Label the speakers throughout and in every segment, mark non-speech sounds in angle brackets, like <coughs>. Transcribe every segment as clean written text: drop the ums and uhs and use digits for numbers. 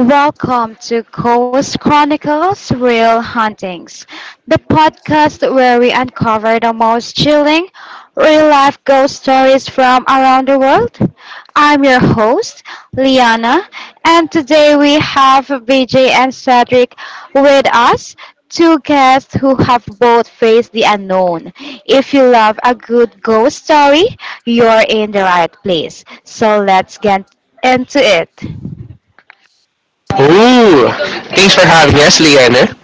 Speaker 1: Welcome to Coast Chronicles Real Huntings, the podcast where we uncover the most chilling real life ghost stories from around the world. I'm your host, Liana, and today we have BJ and Cedric with us, two guests who have both faced the unknown. If you love a good ghost story, you're in the right place. So let's get into it.
Speaker 2: Ooh, thanks for having us, Liana.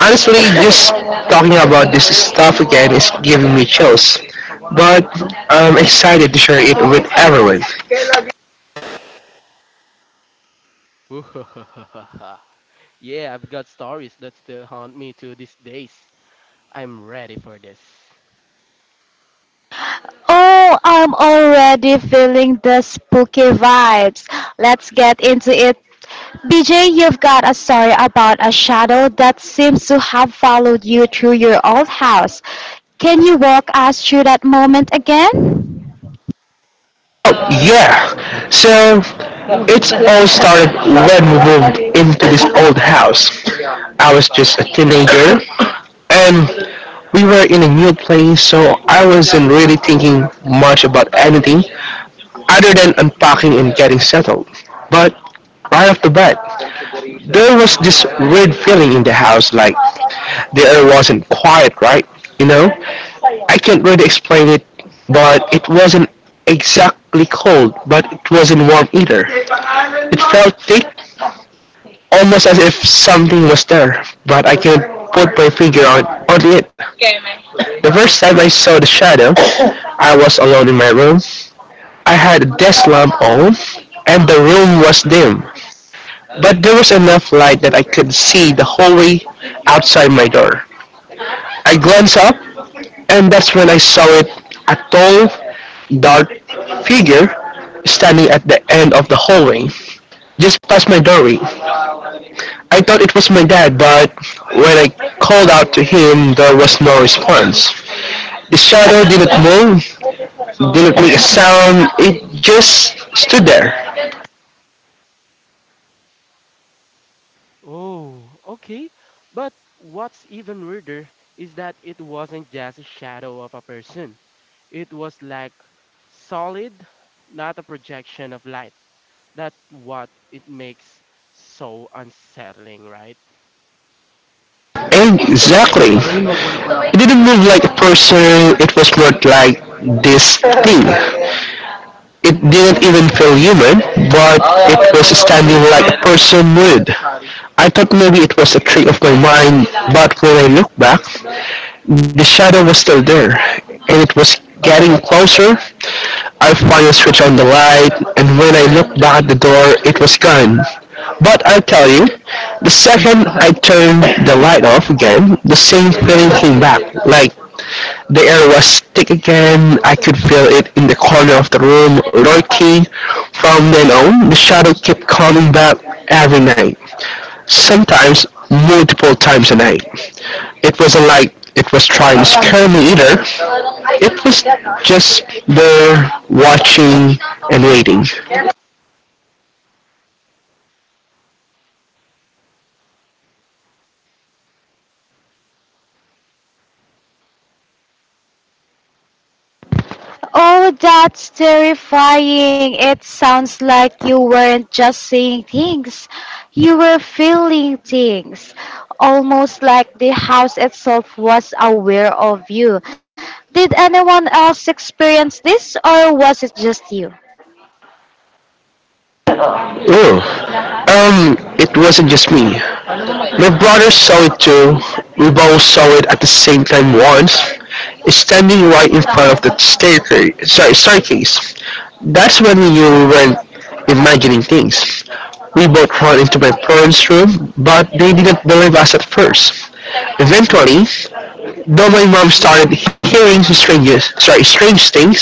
Speaker 2: Honestly, just talking about this stuff again is giving me chills, but I'm excited to share it with everyone.
Speaker 3: <laughs> Yeah, I've got stories that still haunt me to these days. I'm ready for this.
Speaker 1: Oh, I'm already feeling the spooky vibes. Let's get into it. BJ, you've got a story about a shadow that seems to have followed you through your old house. Can you walk us through that moment again?
Speaker 2: Oh, yeah. So, it all started when we moved into this old house. I was just a teenager, and we were in a new place, so I wasn't really thinking much about anything other than unpacking and getting settled. But right off the bat, there was this weird feeling in the house, like the air wasn't quiet right. you know I can't really explain it, but it wasn't exactly cold but it wasn't warm either. It felt thick, almost as if something was there but I couldn't put my finger on it. The first time I saw the shadow, I was alone in my room. I had a desk lamp on and the room was dim, but there was enough light that I could see the hallway outside my door. I glanced up, and that's when I saw it. A tall, dark figure standing at the end of the hallway, just past my doorway. I thought it was my dad, but when I called out to him, there was no response. The shadow didn't move, didn't make a sound, it just stood there.
Speaker 3: Oh, okay. But what's even weirder is that it wasn't just a shadow of a person. It was like solid, not a projection of light. That's what it makes so unsettling, right?
Speaker 2: Exactly. It didn't move like a person, it was more like this thing. It didn't even feel human, but it was standing like a person would. I thought maybe it was a trick of my mind, but when I looked back, the shadow was still there, and it was getting closer. I finally switched on the light, and when I looked back at the door, it was gone. But I'll tell you, the second I turned the light off again, the same feeling came back, like the air was thick again. I could feel it in the corner of the room, lurking. From then on, the shadow kept coming back every night, sometimes multiple times a night. It wasn't like it was trying to scare me either. It was just there, watching and waiting.
Speaker 1: Oh, that's terrifying. It sounds like you weren't just saying things, you were feeling things, almost like the house itself was aware of you. Did anyone else experience this, or was it just you?
Speaker 2: Oh, it wasn't just me. My brother saw it too. We both saw it at the same time once, standing right in front of the staircase. Sorry, staircase. That's when we knew we weren't imagining things. We both ran into my parents' room, but they didn't believe us at first. Eventually, though, my mom started hearing strange, sorry, strange things,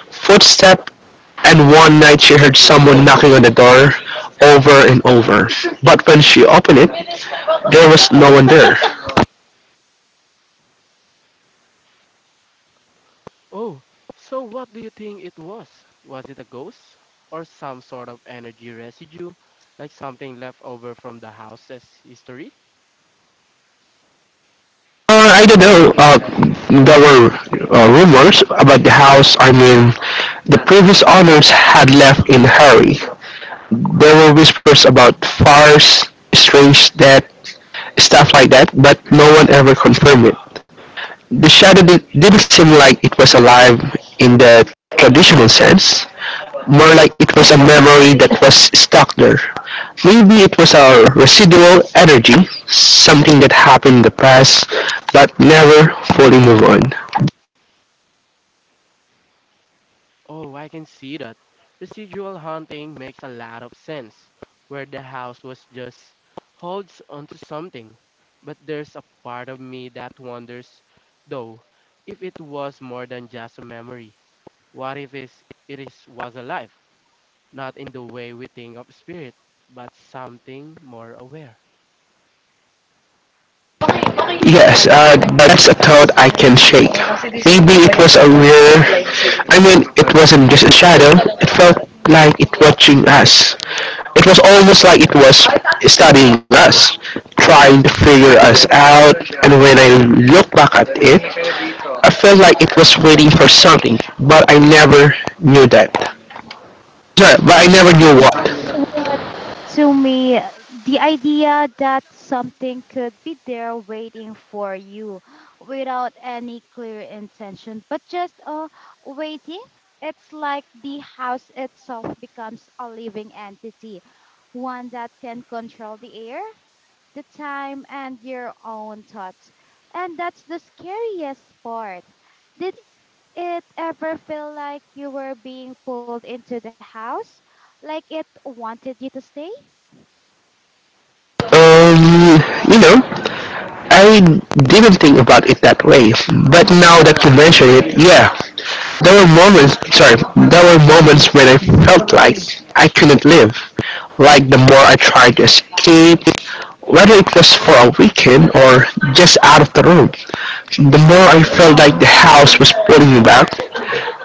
Speaker 2: footsteps, and one night she heard someone knocking on the door over and over. But when she opened it, there was no one there.
Speaker 3: Oh, so what do you think it was? Was it a ghost? Or some sort of energy residue? Like something left over from the house's history?
Speaker 2: I don't know. There were rumors about the house. I mean, the previous owners had left in a hurry. There were whispers about fires, strange death, stuff like that, but no one ever confirmed it. The shadow didn't seem like it was alive in the traditional sense. More like it was a memory that was stuck there. Maybe it was our residual energy, something that happened in the past but never fully move on.
Speaker 3: Oh, I can see that. Residual haunting makes a lot of sense. Where the house was just holds onto something. But there's a part of me that wonders, though, if it was more than just a memory. What if it was alive? Not in the way we think of spirit, but something more aware.
Speaker 2: Yes, that's a thought I can shake. Maybe it was a weird. I mean, it wasn't just a shadow. It felt like it watching us. It was almost like it was studying us, trying to figure us out. And when I look back at it, I felt like it was waiting for something, but I never knew But I never knew what.
Speaker 1: That to me, the idea that something could be there waiting for you without any clear intention, but just waiting, it's like the house itself becomes a living entity, one that can control the air, the time, and your own thoughts. And that's the scariest part. The it ever feel like you were being pulled into the house? Like it wanted you to stay?
Speaker 2: Um, you know, I didn't think about it that way, but now that you mention it, yeah, there were there were moments when I felt like I couldn't live. Like the more I tried to escape, whether it was for a weekend or just out of the room, the more I felt like the house was pulling me back.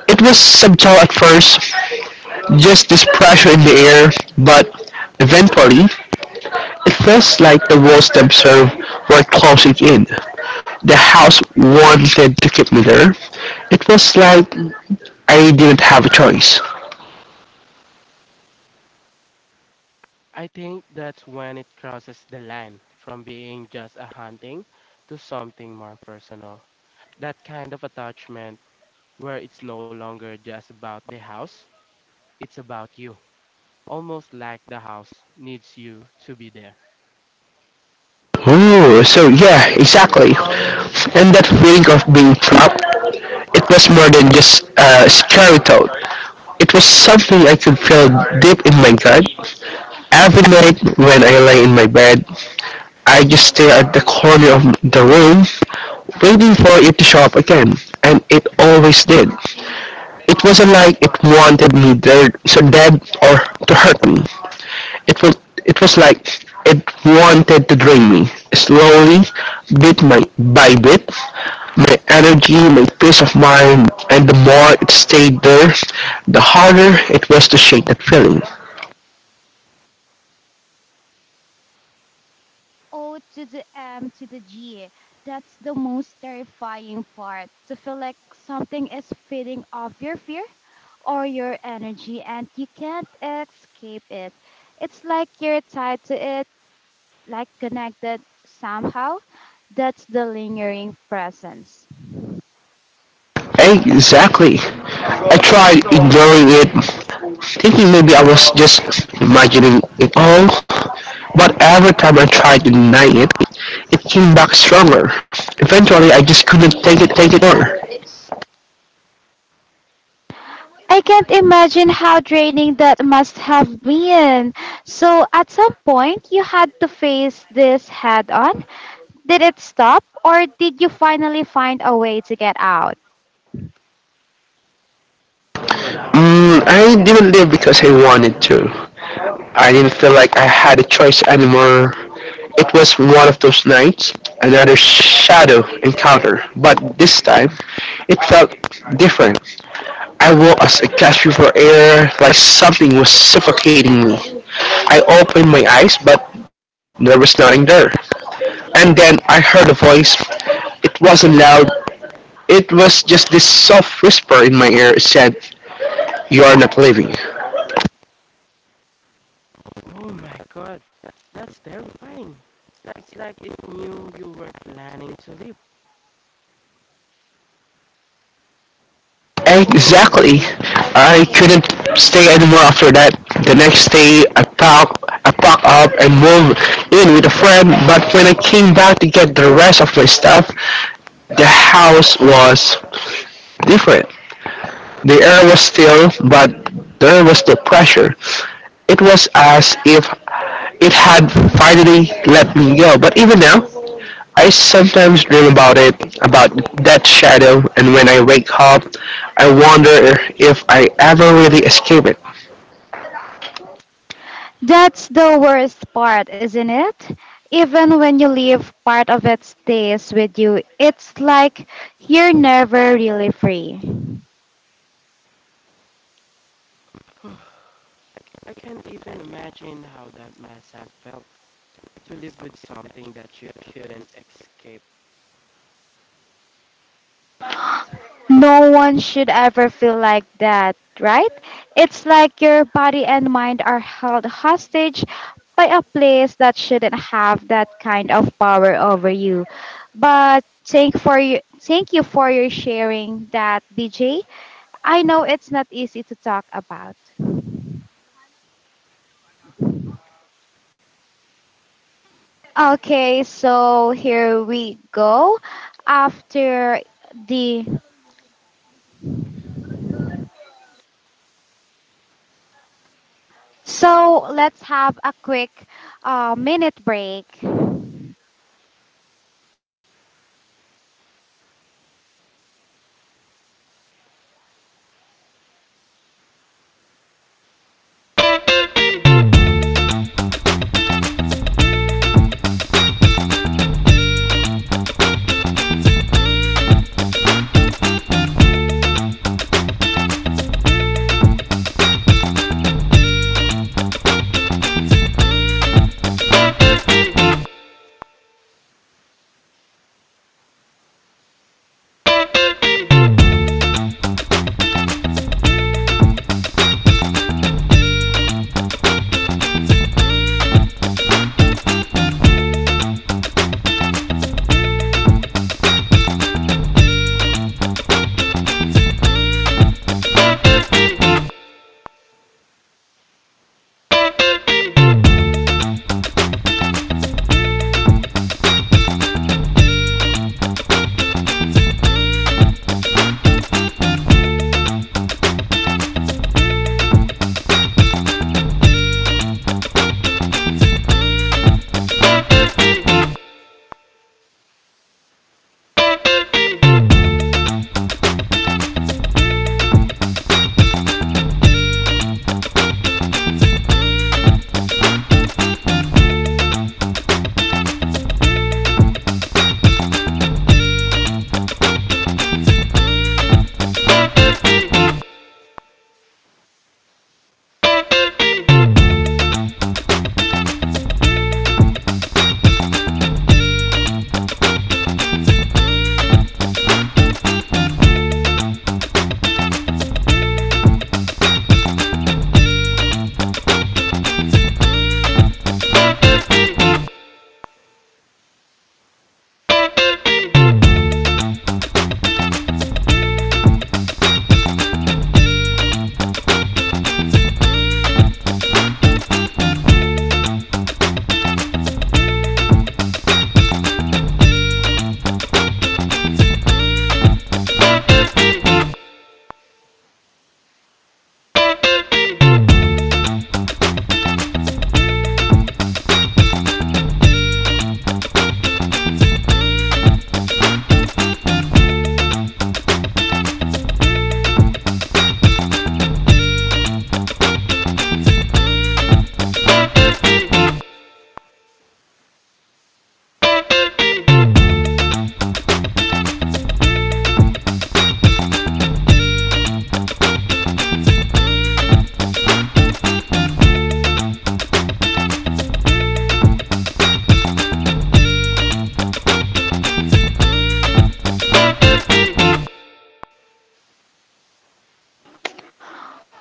Speaker 2: It was subtle at first, just this pressure in the air, but eventually it felt like the walls themselves were closing in. The house wanted to keep me there. It was like I didn't have a choice.
Speaker 3: I think that's when it crosses the line from being just a hunting to something more personal. That kind of attachment where it's no longer just about the house, it's about you. Almost like the house needs you to be there.
Speaker 2: Oh, so yeah, exactly. And that feeling of being trapped, it was more than just a scary thought. It was something I could feel deep in my gut. Every night when I lay in my bed, I just stay at the corner of the room, waiting for it to show up again. And it always did. It wasn't like it wanted me there so dead or to hurt me. It was it was like it wanted to drain me. Slowly, bit my, by bit, my energy, my peace of mind, and the more it stayed there, the harder it was to shake that feeling.
Speaker 1: O to the M to the G. That's the most terrifying part. To feel like something is feeding off your fear or your energy and you can't escape it. It's like you're tied to it, like connected somehow. That's the lingering presence.
Speaker 2: Exactly. I tried ignoring it, thinking maybe I was just imagining it all. But every time I tried to deny it, it came back stronger. Eventually, I just couldn't take it more.
Speaker 1: I can't imagine how draining that must have been. So, at some point, you had to face this head on. Did it stop, or did you finally find a way to get out?
Speaker 2: Mm, I didn't live because I wanted to. I didn't feel like I had a choice anymore. It was one of those nights, another shadow encounter, but this time it felt different. I was a gasp for air, like something was suffocating me. I opened my eyes, but there was nothing there. And then I heard a voice. It wasn't loud. It was just this soft whisper in my ear. It said, "You are not leaving."
Speaker 3: Oh my god, that's terrifying. It's like it knew you were planning to leave.
Speaker 2: Exactly. I couldn't stay anymore after that. The next day, I packed up and moved in with a friend. But when I came back to get the rest of my stuff, the house was different. The air was still, but there was no pressure. It was as if it had finally let me go. But even now, I sometimes dream about it, about that shadow, and when I wake up, I wonder if I ever really escape it.
Speaker 1: That's the worst part, isn't it? Even when you leave, part of it stays with you. It's like you're never really free.
Speaker 3: <sighs> I can't even imagine how that must have felt, to live with something that you couldn't escape.
Speaker 1: No one should ever feel like that, right? It's like your body and mind are held hostage by a place that shouldn't have that kind of power over you. But thank you for your sharing that, BJ. I know it's not easy to talk about. Okay, so here we go. After the so let's have a quick minute break.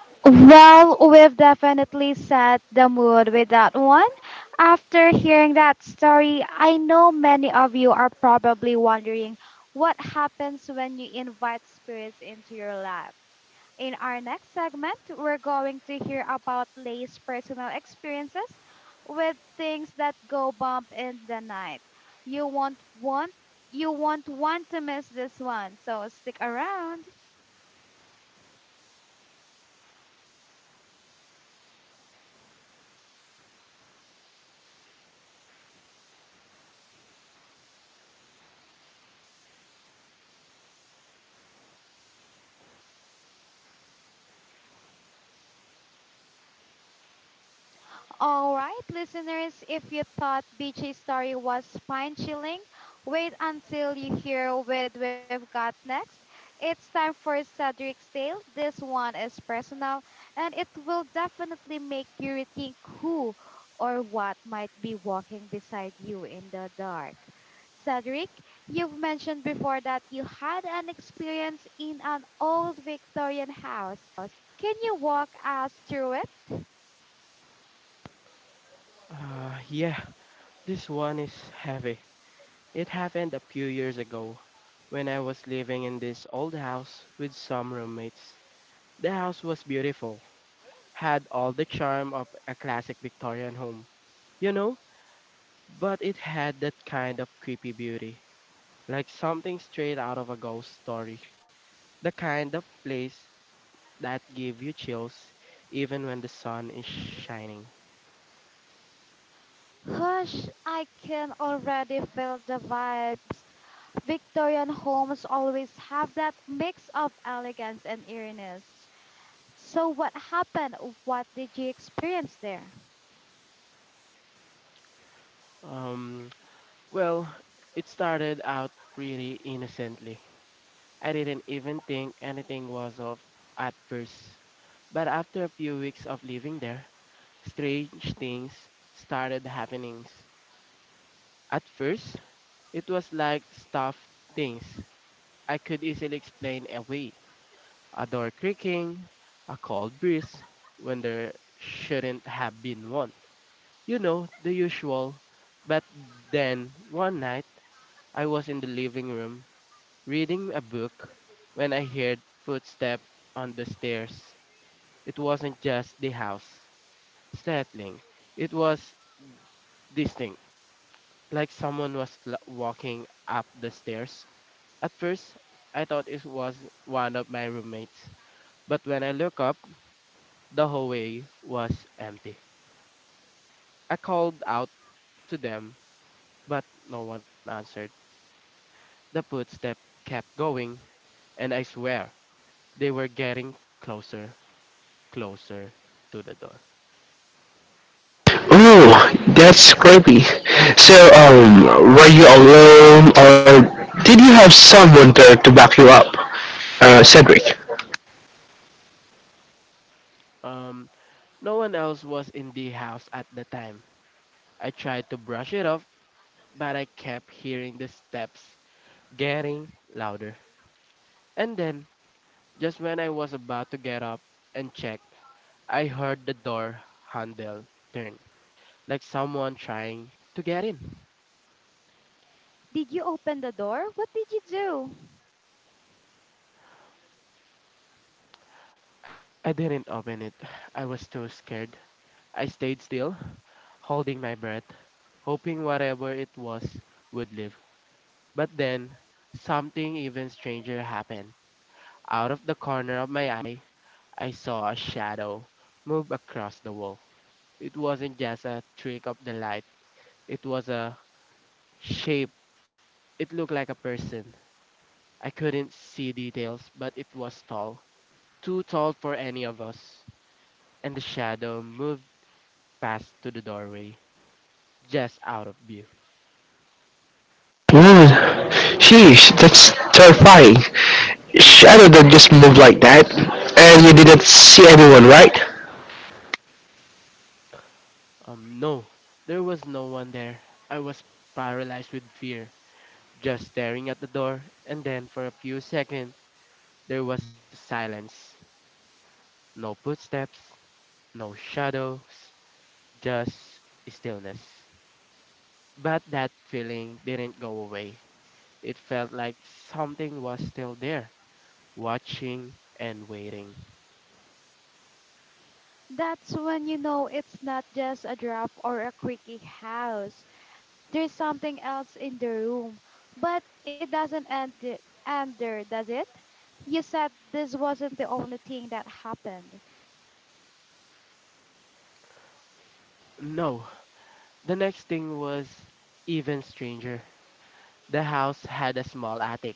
Speaker 1: Well, we've definitely set the mood with that one. After hearing that story, I know many of you are probably wondering what happens when you invite spirits into your life. In our next segment, we're going to hear about Lay's personal experiences with things that go bump in the night. You won't want you won't want to miss this one, so stick around. All right, listeners, if you thought BJ's story was spine chilling, wait until you hear what we've got next. It's time for Cedric's Tale. This one is personal and it will definitely make you rethink who or what might be walking beside you in the dark. Cedric, you've mentioned before that you had an experience in an old Victorian house. Can you walk us through it?
Speaker 3: Yeah, this one is heavy. It happened a few years ago when I was living in this old house with some roommates. The house was beautiful, had all the charm of a classic Victorian home, you know, but it had that kind of creepy beauty, like something straight out of a ghost story. The kind of place that give you chills even when the sun is shining.
Speaker 1: Hush, I can already feel the vibes. Victorian homes always have that mix of elegance and eeriness. So, what happened? What did you experience there?
Speaker 3: Um, Well, it started out pretty innocently. I didn't even think anything was of at first. But after a few weeks of living there, strange things started happening. At first, it was like stuffed things I could easily explain away. A door creaking, a cold breeze when there shouldn't have been one. You know, the usual. But then, one night, I was in the living room reading a book when I heard footsteps on the stairs. It wasn't just the house settling, it was distinct, like someone was walking up the stairs. At first, I thought it was one of my roommates, but when I looked up, the hallway was empty. I called out to them, but no one answered. The footsteps kept going, and I swear they were getting closer, closer to the door.
Speaker 2: Ooh, that's creepy. So, were you alone, or did you have someone there to back you up? Cedric.
Speaker 3: Um, no one else was in the house at the time. I tried to brush it off, but I kept hearing the steps getting louder. And then, just when I was about to get up and check, I heard the door handle turn, like someone trying to get in.
Speaker 1: Did you open the door? What did you do?
Speaker 3: I didn't open it. I was too scared. I stayed still, holding my breath, hoping whatever it was would leave. But then, something even stranger happened. Out of the corner of my eye, I saw a shadow move across the wall. It wasn't just a trick of the light, it was a shape. It looked like a person. I couldn't see details, but it was tall. Too tall for any of us. And the shadow moved past to the doorway, just out of view.
Speaker 2: Ooh, sheesh, that's terrifying. Shadow that just moved like that, and you didn't see anyone, right?
Speaker 3: No, there was no one there. I was paralyzed with fear, just staring at the door. And then for a few seconds, there was silence. No footsteps, no shadows, just stillness. But that feeling didn't go away. It felt like something was still there, watching and waiting.
Speaker 1: That's when you know it's not just a draft or a quickie house. There's something else in the room. But it doesn't end there, does it? You said this wasn't the only thing that happened.
Speaker 3: No, the next thing was even stranger. The house had a small attic,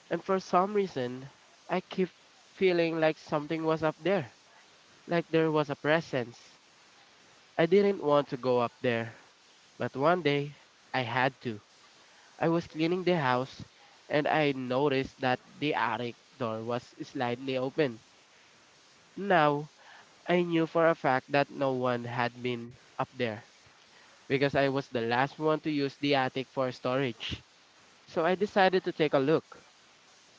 Speaker 3: and for some reason, I kept feeling like something was up there, like there was a presence. I didn't want to go up there, but one day I had to. I was cleaning the house and I noticed that the attic door was slightly open. Now, I knew for a fact that no one had been up there because I was the last one to use the attic for storage. So I decided to take a look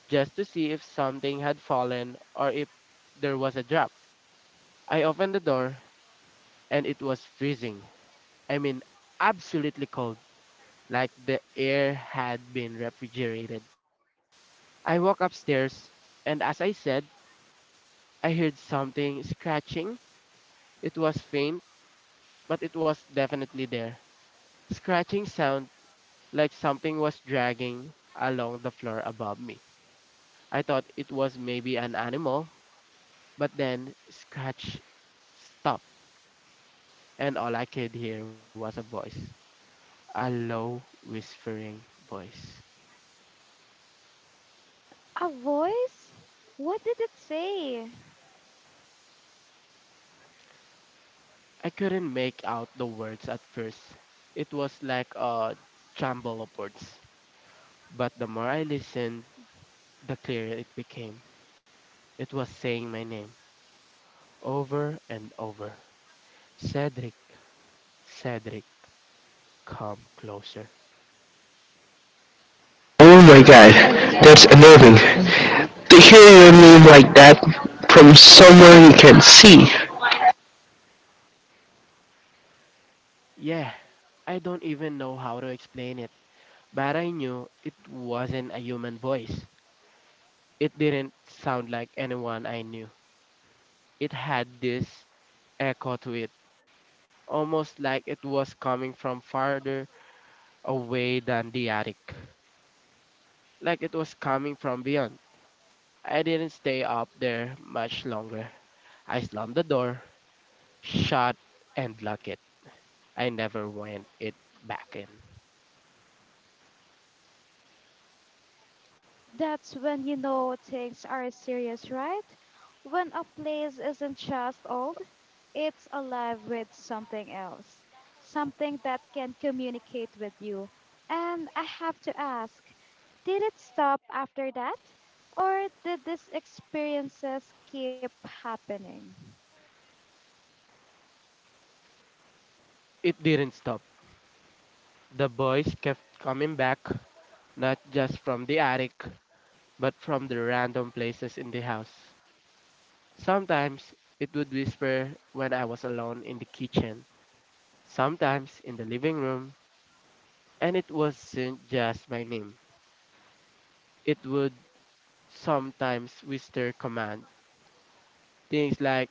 Speaker 3: just to see if something had fallen or if there was a drop. I opened the door and it was freezing. I mean, absolutely cold, like the air had been refrigerated. I walked upstairs and as I said, I heard something scratching. It was faint, but it was definitely there. Scratching sound like something was dragging along the floor above me. I thought it was maybe an animal, but then scratch stopped, and all I could hear was a voice. A low, whispering voice.
Speaker 1: A voice? What did it say?
Speaker 3: I couldn't make out the words at first. It was like a jumble of words. But the more I listened, the clearer it became. It was saying my name, over and over. Cedric, Cedric, come closer.
Speaker 2: Oh my god, that's unnerving. To hear your name like that from somewhere you can see.
Speaker 3: Yeah, I don't even know how to explain it, but I knew it wasn't a human voice. It didn't sound like anyone I knew. It had this echo to it, almost like it was coming from farther away than the attic, like it was coming from beyond. I didn't stay up there much longer. I slammed the door, shut, and locked it. I never went it back in.
Speaker 1: That's when you know things are serious, right? When a place isn't just old, it's alive with something else, something that can communicate with you. And I have to ask, did it stop after that? Or did these experiences keep happening?
Speaker 3: It didn't stop. The boys kept coming back, not just from the attic, but from the random places in the house. Sometimes it would whisper when I was alone in the kitchen, sometimes in the living room, and it wasn't just my name. It would sometimes whisper command, things like,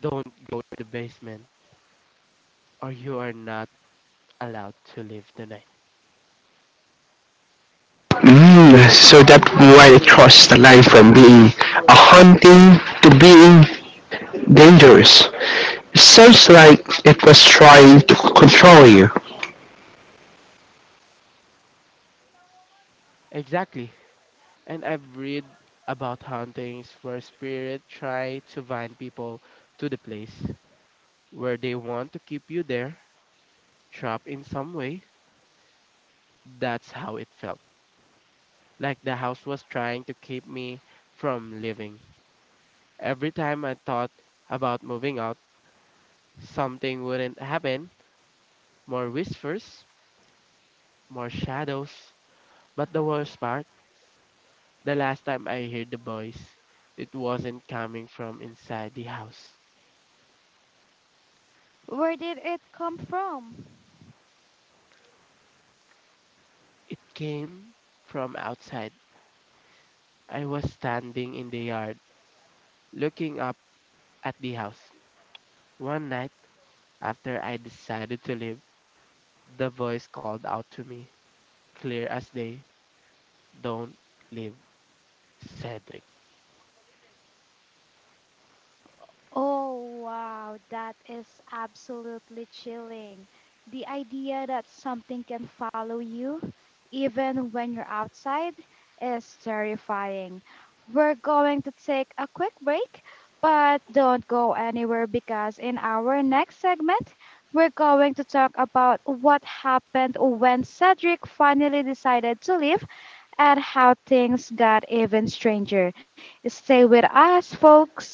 Speaker 3: don't go to the basement, or you are not allowed to leave tonight.
Speaker 2: Mm, so that why it crossed the line from being a haunting to being dangerous. Sounds like it was trying to control you.
Speaker 3: Exactly. And I've read about hauntings where spirits try to bind people to the place where they want to keep you there, trapped in some way. That's how it felt. Like the house was trying to keep me from leaving. Every time I thought about moving out, something wouldn't happen. More whispers, more shadows. But the worst part, the last time I heard the voice, it wasn't coming from inside the house.
Speaker 1: Where did it come from?
Speaker 3: It came from outside. I was standing in the yard, looking up at the house. One night, after I decided to leave, the voice called out to me, clear as day, "Don't leave, Cedric."
Speaker 1: Oh, wow, that is absolutely chilling. The idea that something can follow you, even when you're outside, is terrifying. We're going to take a quick break, but don't go anywhere because in our next segment, we're going to talk about what happened when Cedric finally decided to leave and how things got even stranger. Stay with us, folks.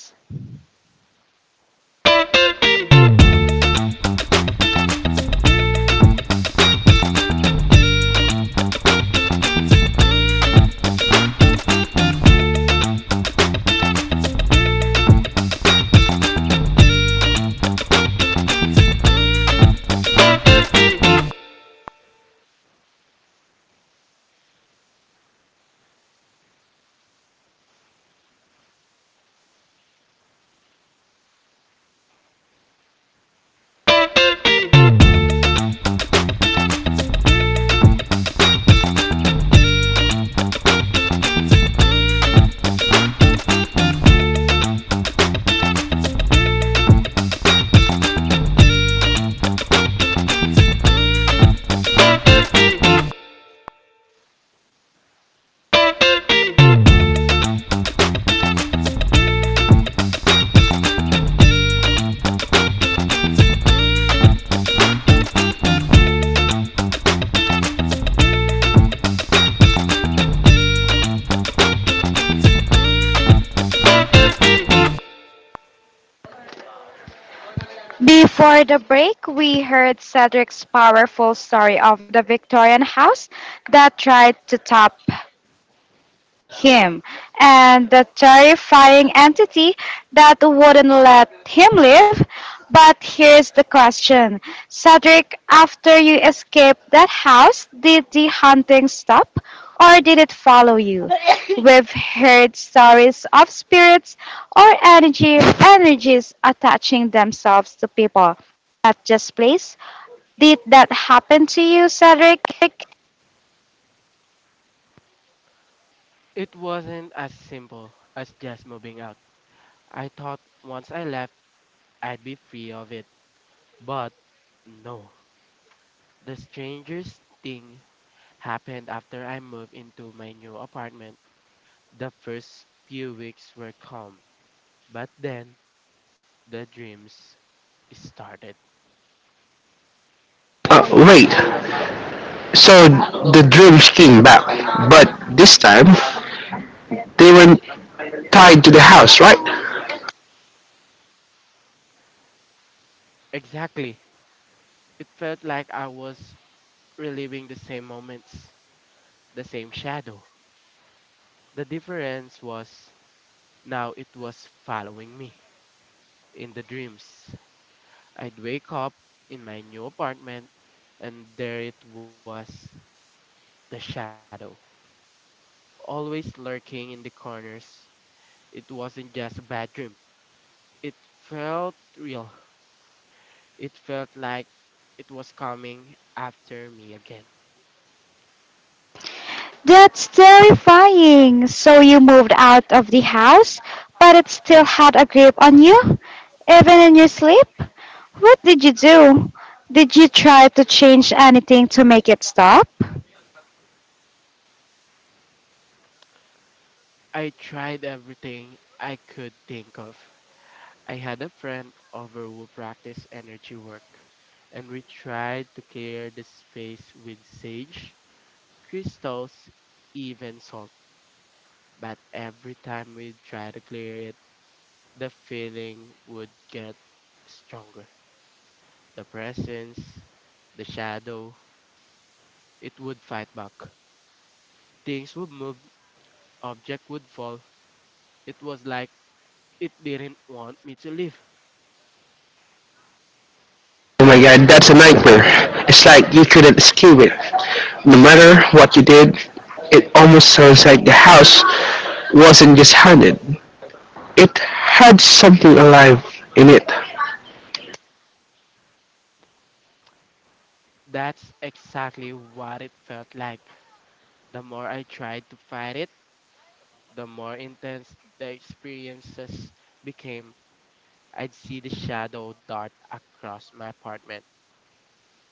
Speaker 1: Before the break, we heard Cedric's powerful story of the Victorian house that tried to top him, and the terrifying entity that wouldn't let him live. But here's the question, Cedric, after you escaped that house, did the hunting stop or did it follow you? <coughs> We've heard stories of spirits or energy energies attaching themselves to people, not just place. Did that happen to you, Cedric?
Speaker 3: It wasn't as simple as just moving out. I thought once I left, I'd be free of it. But no. The strangest thing happened after I moved into my new apartment. The first few weeks were calm. But then the dreams started.
Speaker 2: Wait, so the dreams came back, but this time they were tied to the house, right?
Speaker 3: Exactly. It felt like I was reliving the same moments, the same shadow. The difference was now it was following me. In the dreams, I'd wake up in my new apartment, and there it was, the shadow, always lurking in the corners. It wasn't just a bad dream, it felt real. It felt like it was coming after me again.
Speaker 1: That's terrifying. So you moved out of the house, but it still had a grip on you, even in your sleep? What did you do? Did you try to change anything to make it stop?
Speaker 3: I tried everything I could think of. I had a friend over who practiced energy work, and we tried to clear the space with sage, crystals, even salt. But every time we try to clear it, the feeling would get stronger. The presence, the shadow, it would fight back. Things would move, object would fall. It was like it didn't want me to leave.
Speaker 2: Oh my god, that's a nightmare. It's like you couldn't escape it. No matter what you did, it almost sounds like the house wasn't just haunted. It had something alive in it.
Speaker 3: That's exactly what it felt like. The more I tried to fight it, the more intense the experiences became. I'd see the shadow dart across my apartment,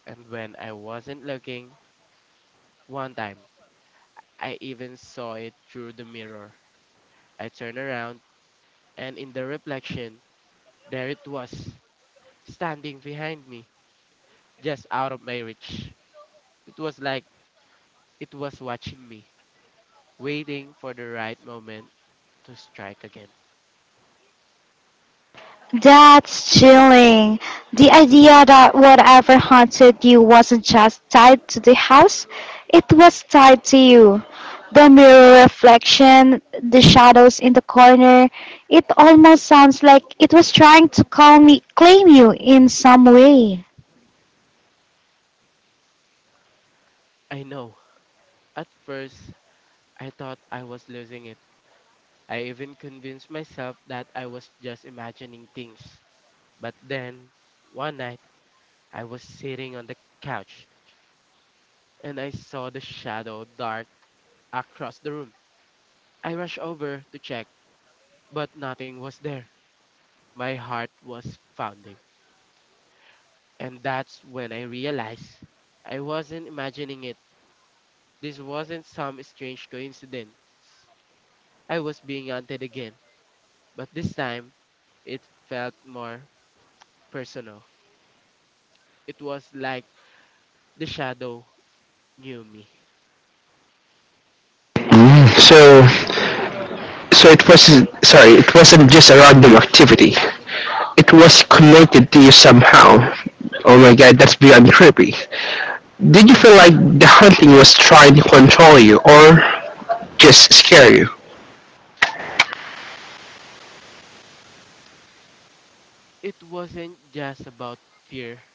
Speaker 3: and when I wasn't looking, one time I even saw it through the mirror. I turned around, and in the reflection, there it was, standing behind me, just out of my reach. It was like it was watching me, waiting for the right moment to strike again.
Speaker 1: That's chilling. The idea that whatever haunted you wasn't just tied to the house, it was tied to you. The mirror reflection, the shadows in the corner, it almost sounds like it was trying to call me, claim you in some way.
Speaker 3: I know. At first, I thought I was losing it. I even convinced myself that I was just imagining things. But then, one night, I was sitting on the couch and I saw the shadow dart across the room. I rushed over to check, but nothing was there. My heart was pounding. And that's when I realized I wasn't imagining it. This wasn't some strange coincidence. I was being hunted again, but this time it felt more personal. It was like the shadow knew me.
Speaker 2: So so it wasn't sorry, it wasn't just a random activity. It was connected to you somehow. Oh my god, that's beyond creepy. Did you feel like the hunting was trying to control you or just scare you?
Speaker 3: It wasn't just about fear,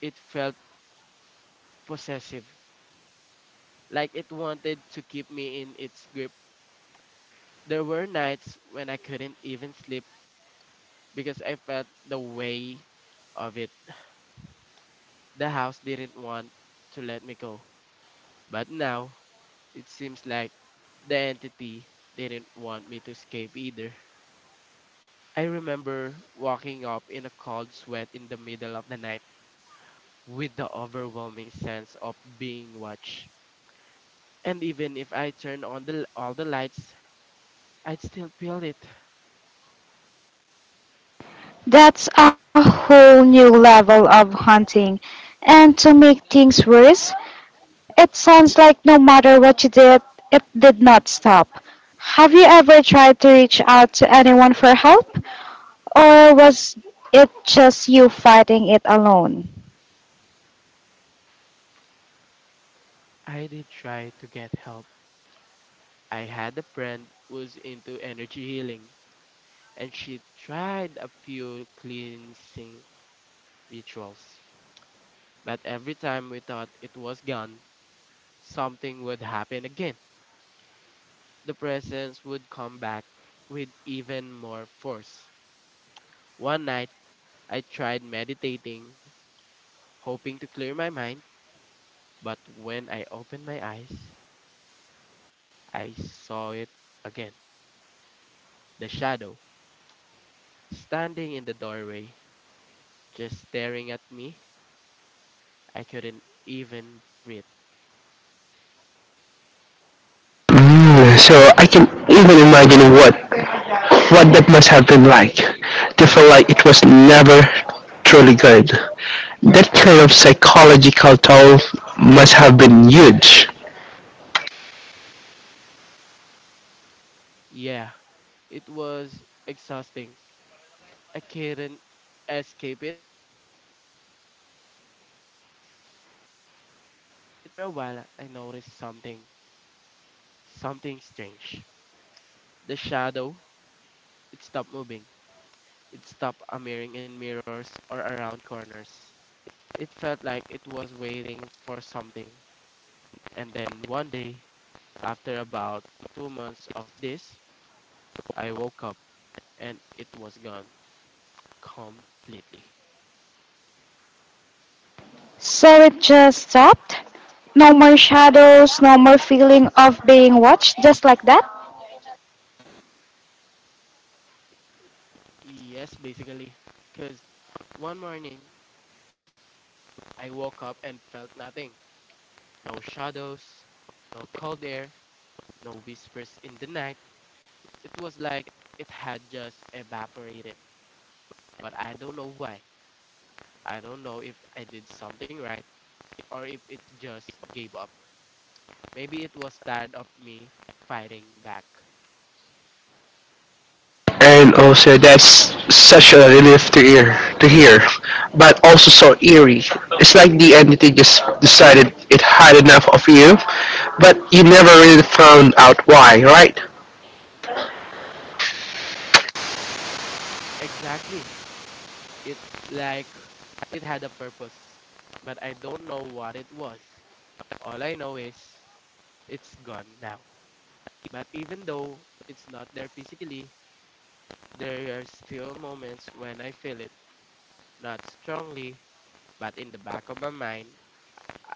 Speaker 3: it felt possessive, like it wanted to keep me in its grip. There were nights when I couldn't even sleep because I felt the way of it. The house didn't want to let me go, but now it seems like the entity didn't want me to escape either. I remember walking up in a cold sweat in the middle of the night with the overwhelming sense of being watched. And even if I turned on all the lights, I'd still feel it.
Speaker 1: That's a whole new level of haunting. And to make things worse, it sounds like no matter what you did, it did not stop. Have you ever tried to reach out to anyone for help, or was it just you fighting it alone?
Speaker 3: I did try to get help. I had a friend who's into energy healing, and she tried a few cleansing rituals. But every time we thought it was gone, something would happen again. The presence would come back with even more force. One night, I tried meditating, hoping to clear my mind, but when I opened my eyes, I saw it again. The shadow, standing in the doorway, just staring at me. I couldn't even breathe.
Speaker 2: Mm, so I can even imagine what that must have been like, to feel like it was never truly good. That kind of psychological toll must have been huge.
Speaker 3: Yeah, it was exhausting. I couldn't escape it, being stuck in a loop. But after a while, I noticed something, something strange. The shadow, it stopped moving. It stopped appearing in mirrors or around corners. It felt like it was waiting for something. And then one day, after about 2 months of this, I woke up and it was gone completely.
Speaker 1: So it just stopped? No more shadows, no more feeling of being watched, just like that?
Speaker 3: Yes, basically. Because one morning, I woke up and felt nothing. No shadows, no cold air, no whispers in the night. It was like it had just evaporated. But I don't know why. I don't know if I did something right or if it just gave up. Maybe it was tired of me fighting back.
Speaker 2: And also that's such a relief to hear. But also so eerie. It's like the entity just decided it had enough of you, but you never really found out why, right?
Speaker 3: Exactly. It's like it had a purpose, but I don't know what it was. All I know is it's gone now. But even though it's not there physically, there are still moments when I feel it. Not strongly, but in the back of my mind,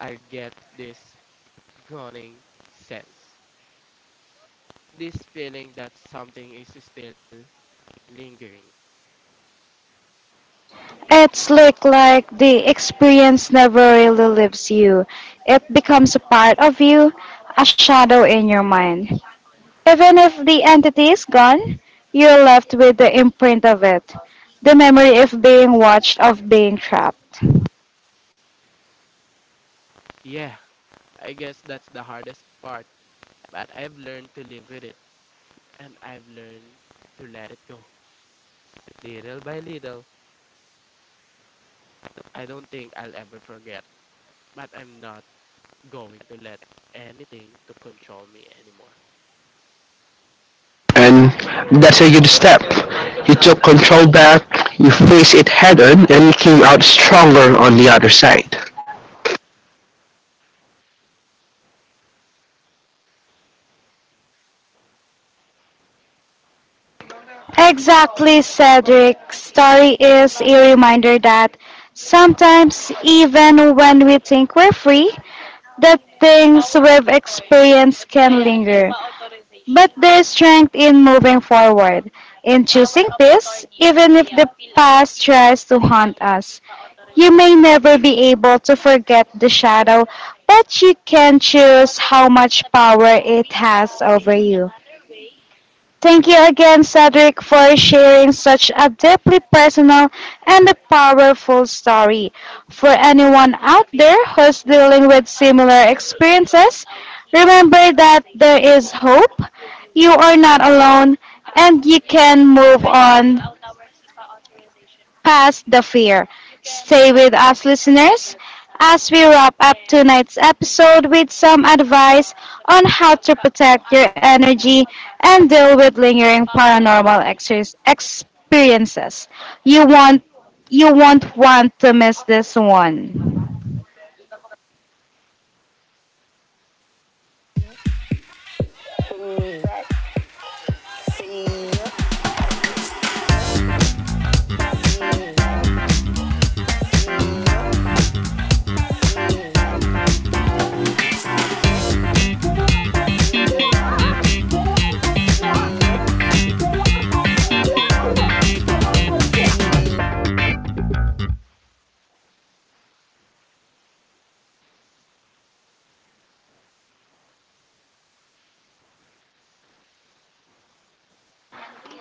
Speaker 3: I get this gunning sense, this feeling that something is still lingering.
Speaker 1: It's look like the experience never really leaves you. It becomes a part of you, a shadow in your mind. Even if the entity is gone, you're left with the imprint of it, the memory of being watched, of being trapped.
Speaker 3: Yeah, I guess that's the hardest part, but I've learned to live with it and I've learned to let it go. Little by little, I don't think I'll ever forget, but I'm not going to let anything to control me anymore.
Speaker 2: And that's a good step. You took control back, you faced it head on, and you came out stronger on the other side.
Speaker 1: Exactly, Cedric. Story is a reminder that sometimes, even when we think we're free, the things we've experienced can linger. But there's strength in moving forward, in choosing peace, even if the past tries to haunt us. You may never be able to forget the shadow, but you can choose how much power it has over you. Thank you again, Cedric, for sharing such a deeply personal and a powerful story. For anyone out there who's dealing with similar experiences, remember that there is hope, you are not alone, and you can move on past the fear. Stay with us, listeners, as we wrap up tonight's episode with some advice on how to protect your energy and deal with lingering paranormal experiences. You won't, you won't want to miss this one.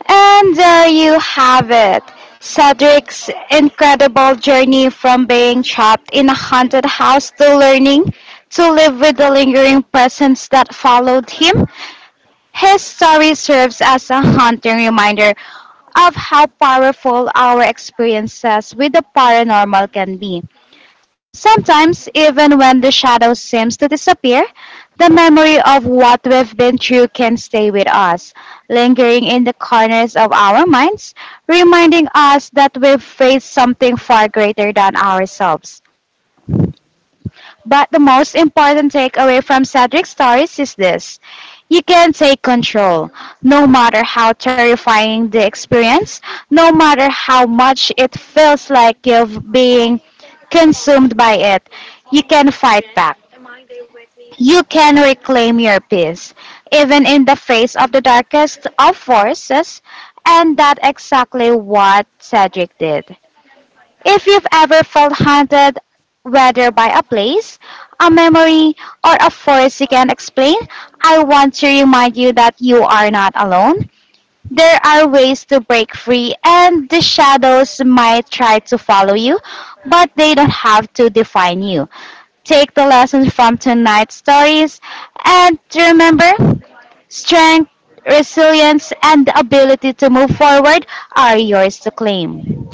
Speaker 1: And there you have it. Cedric's incredible journey from being trapped in a haunted house to learning to live with the lingering presence that followed him. His story serves as a haunting reminder of how powerful our experiences with the paranormal can be. Sometimes, even when the shadow seems to disappear, the memory of what we've been through can stay with us, lingering in the corners of our minds, reminding us that we've faced something far greater than ourselves. But the most important takeaway from Cedric's stories is this: you can take control. No matter how terrifying the experience, no matter how much it feels like you've been consumed by it, you can fight back. You can reclaim your peace, even in the face of the darkest of forces, and that exactly what Cedric did. If you've ever felt haunted, whether by a place, a memory, or a force you can explain, I want to remind you that you are not alone. There are ways to break free, and the shadows might try to follow you, but they don't have to define you. Take the lessons from tonight's stories and remember, strength, resilience, and the ability to move forward are yours to claim.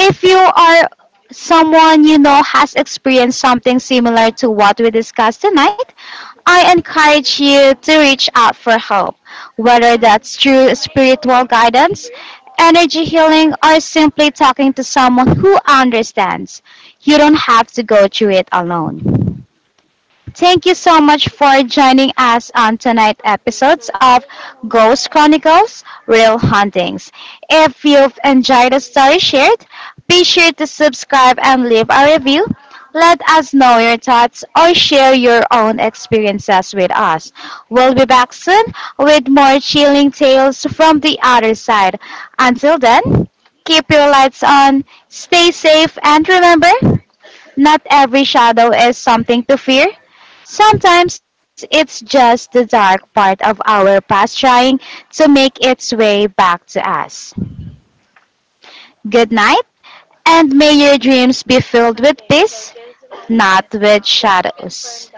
Speaker 1: If you are someone you know has experienced something similar to what we discussed tonight, I encourage you to reach out for help, whether that's through spiritual guidance, energy healing, or simply talking to someone who understands. You don't have to go through it alone. Thank you so much for joining us on tonight's episodes of Ghost Chronicles Real Hauntings. If you've enjoyed the story shared, be sure to subscribe and leave a review. Let us know your thoughts or share your own experiences with us. We'll be back soon with more chilling tales from the other side. Until then, keep your lights on, stay safe, and remember, not every shadow is something to fear. Sometimes it's just the dark part of our past trying to make its way back to us. Good night, and may your dreams be filled with peace, not with shadows.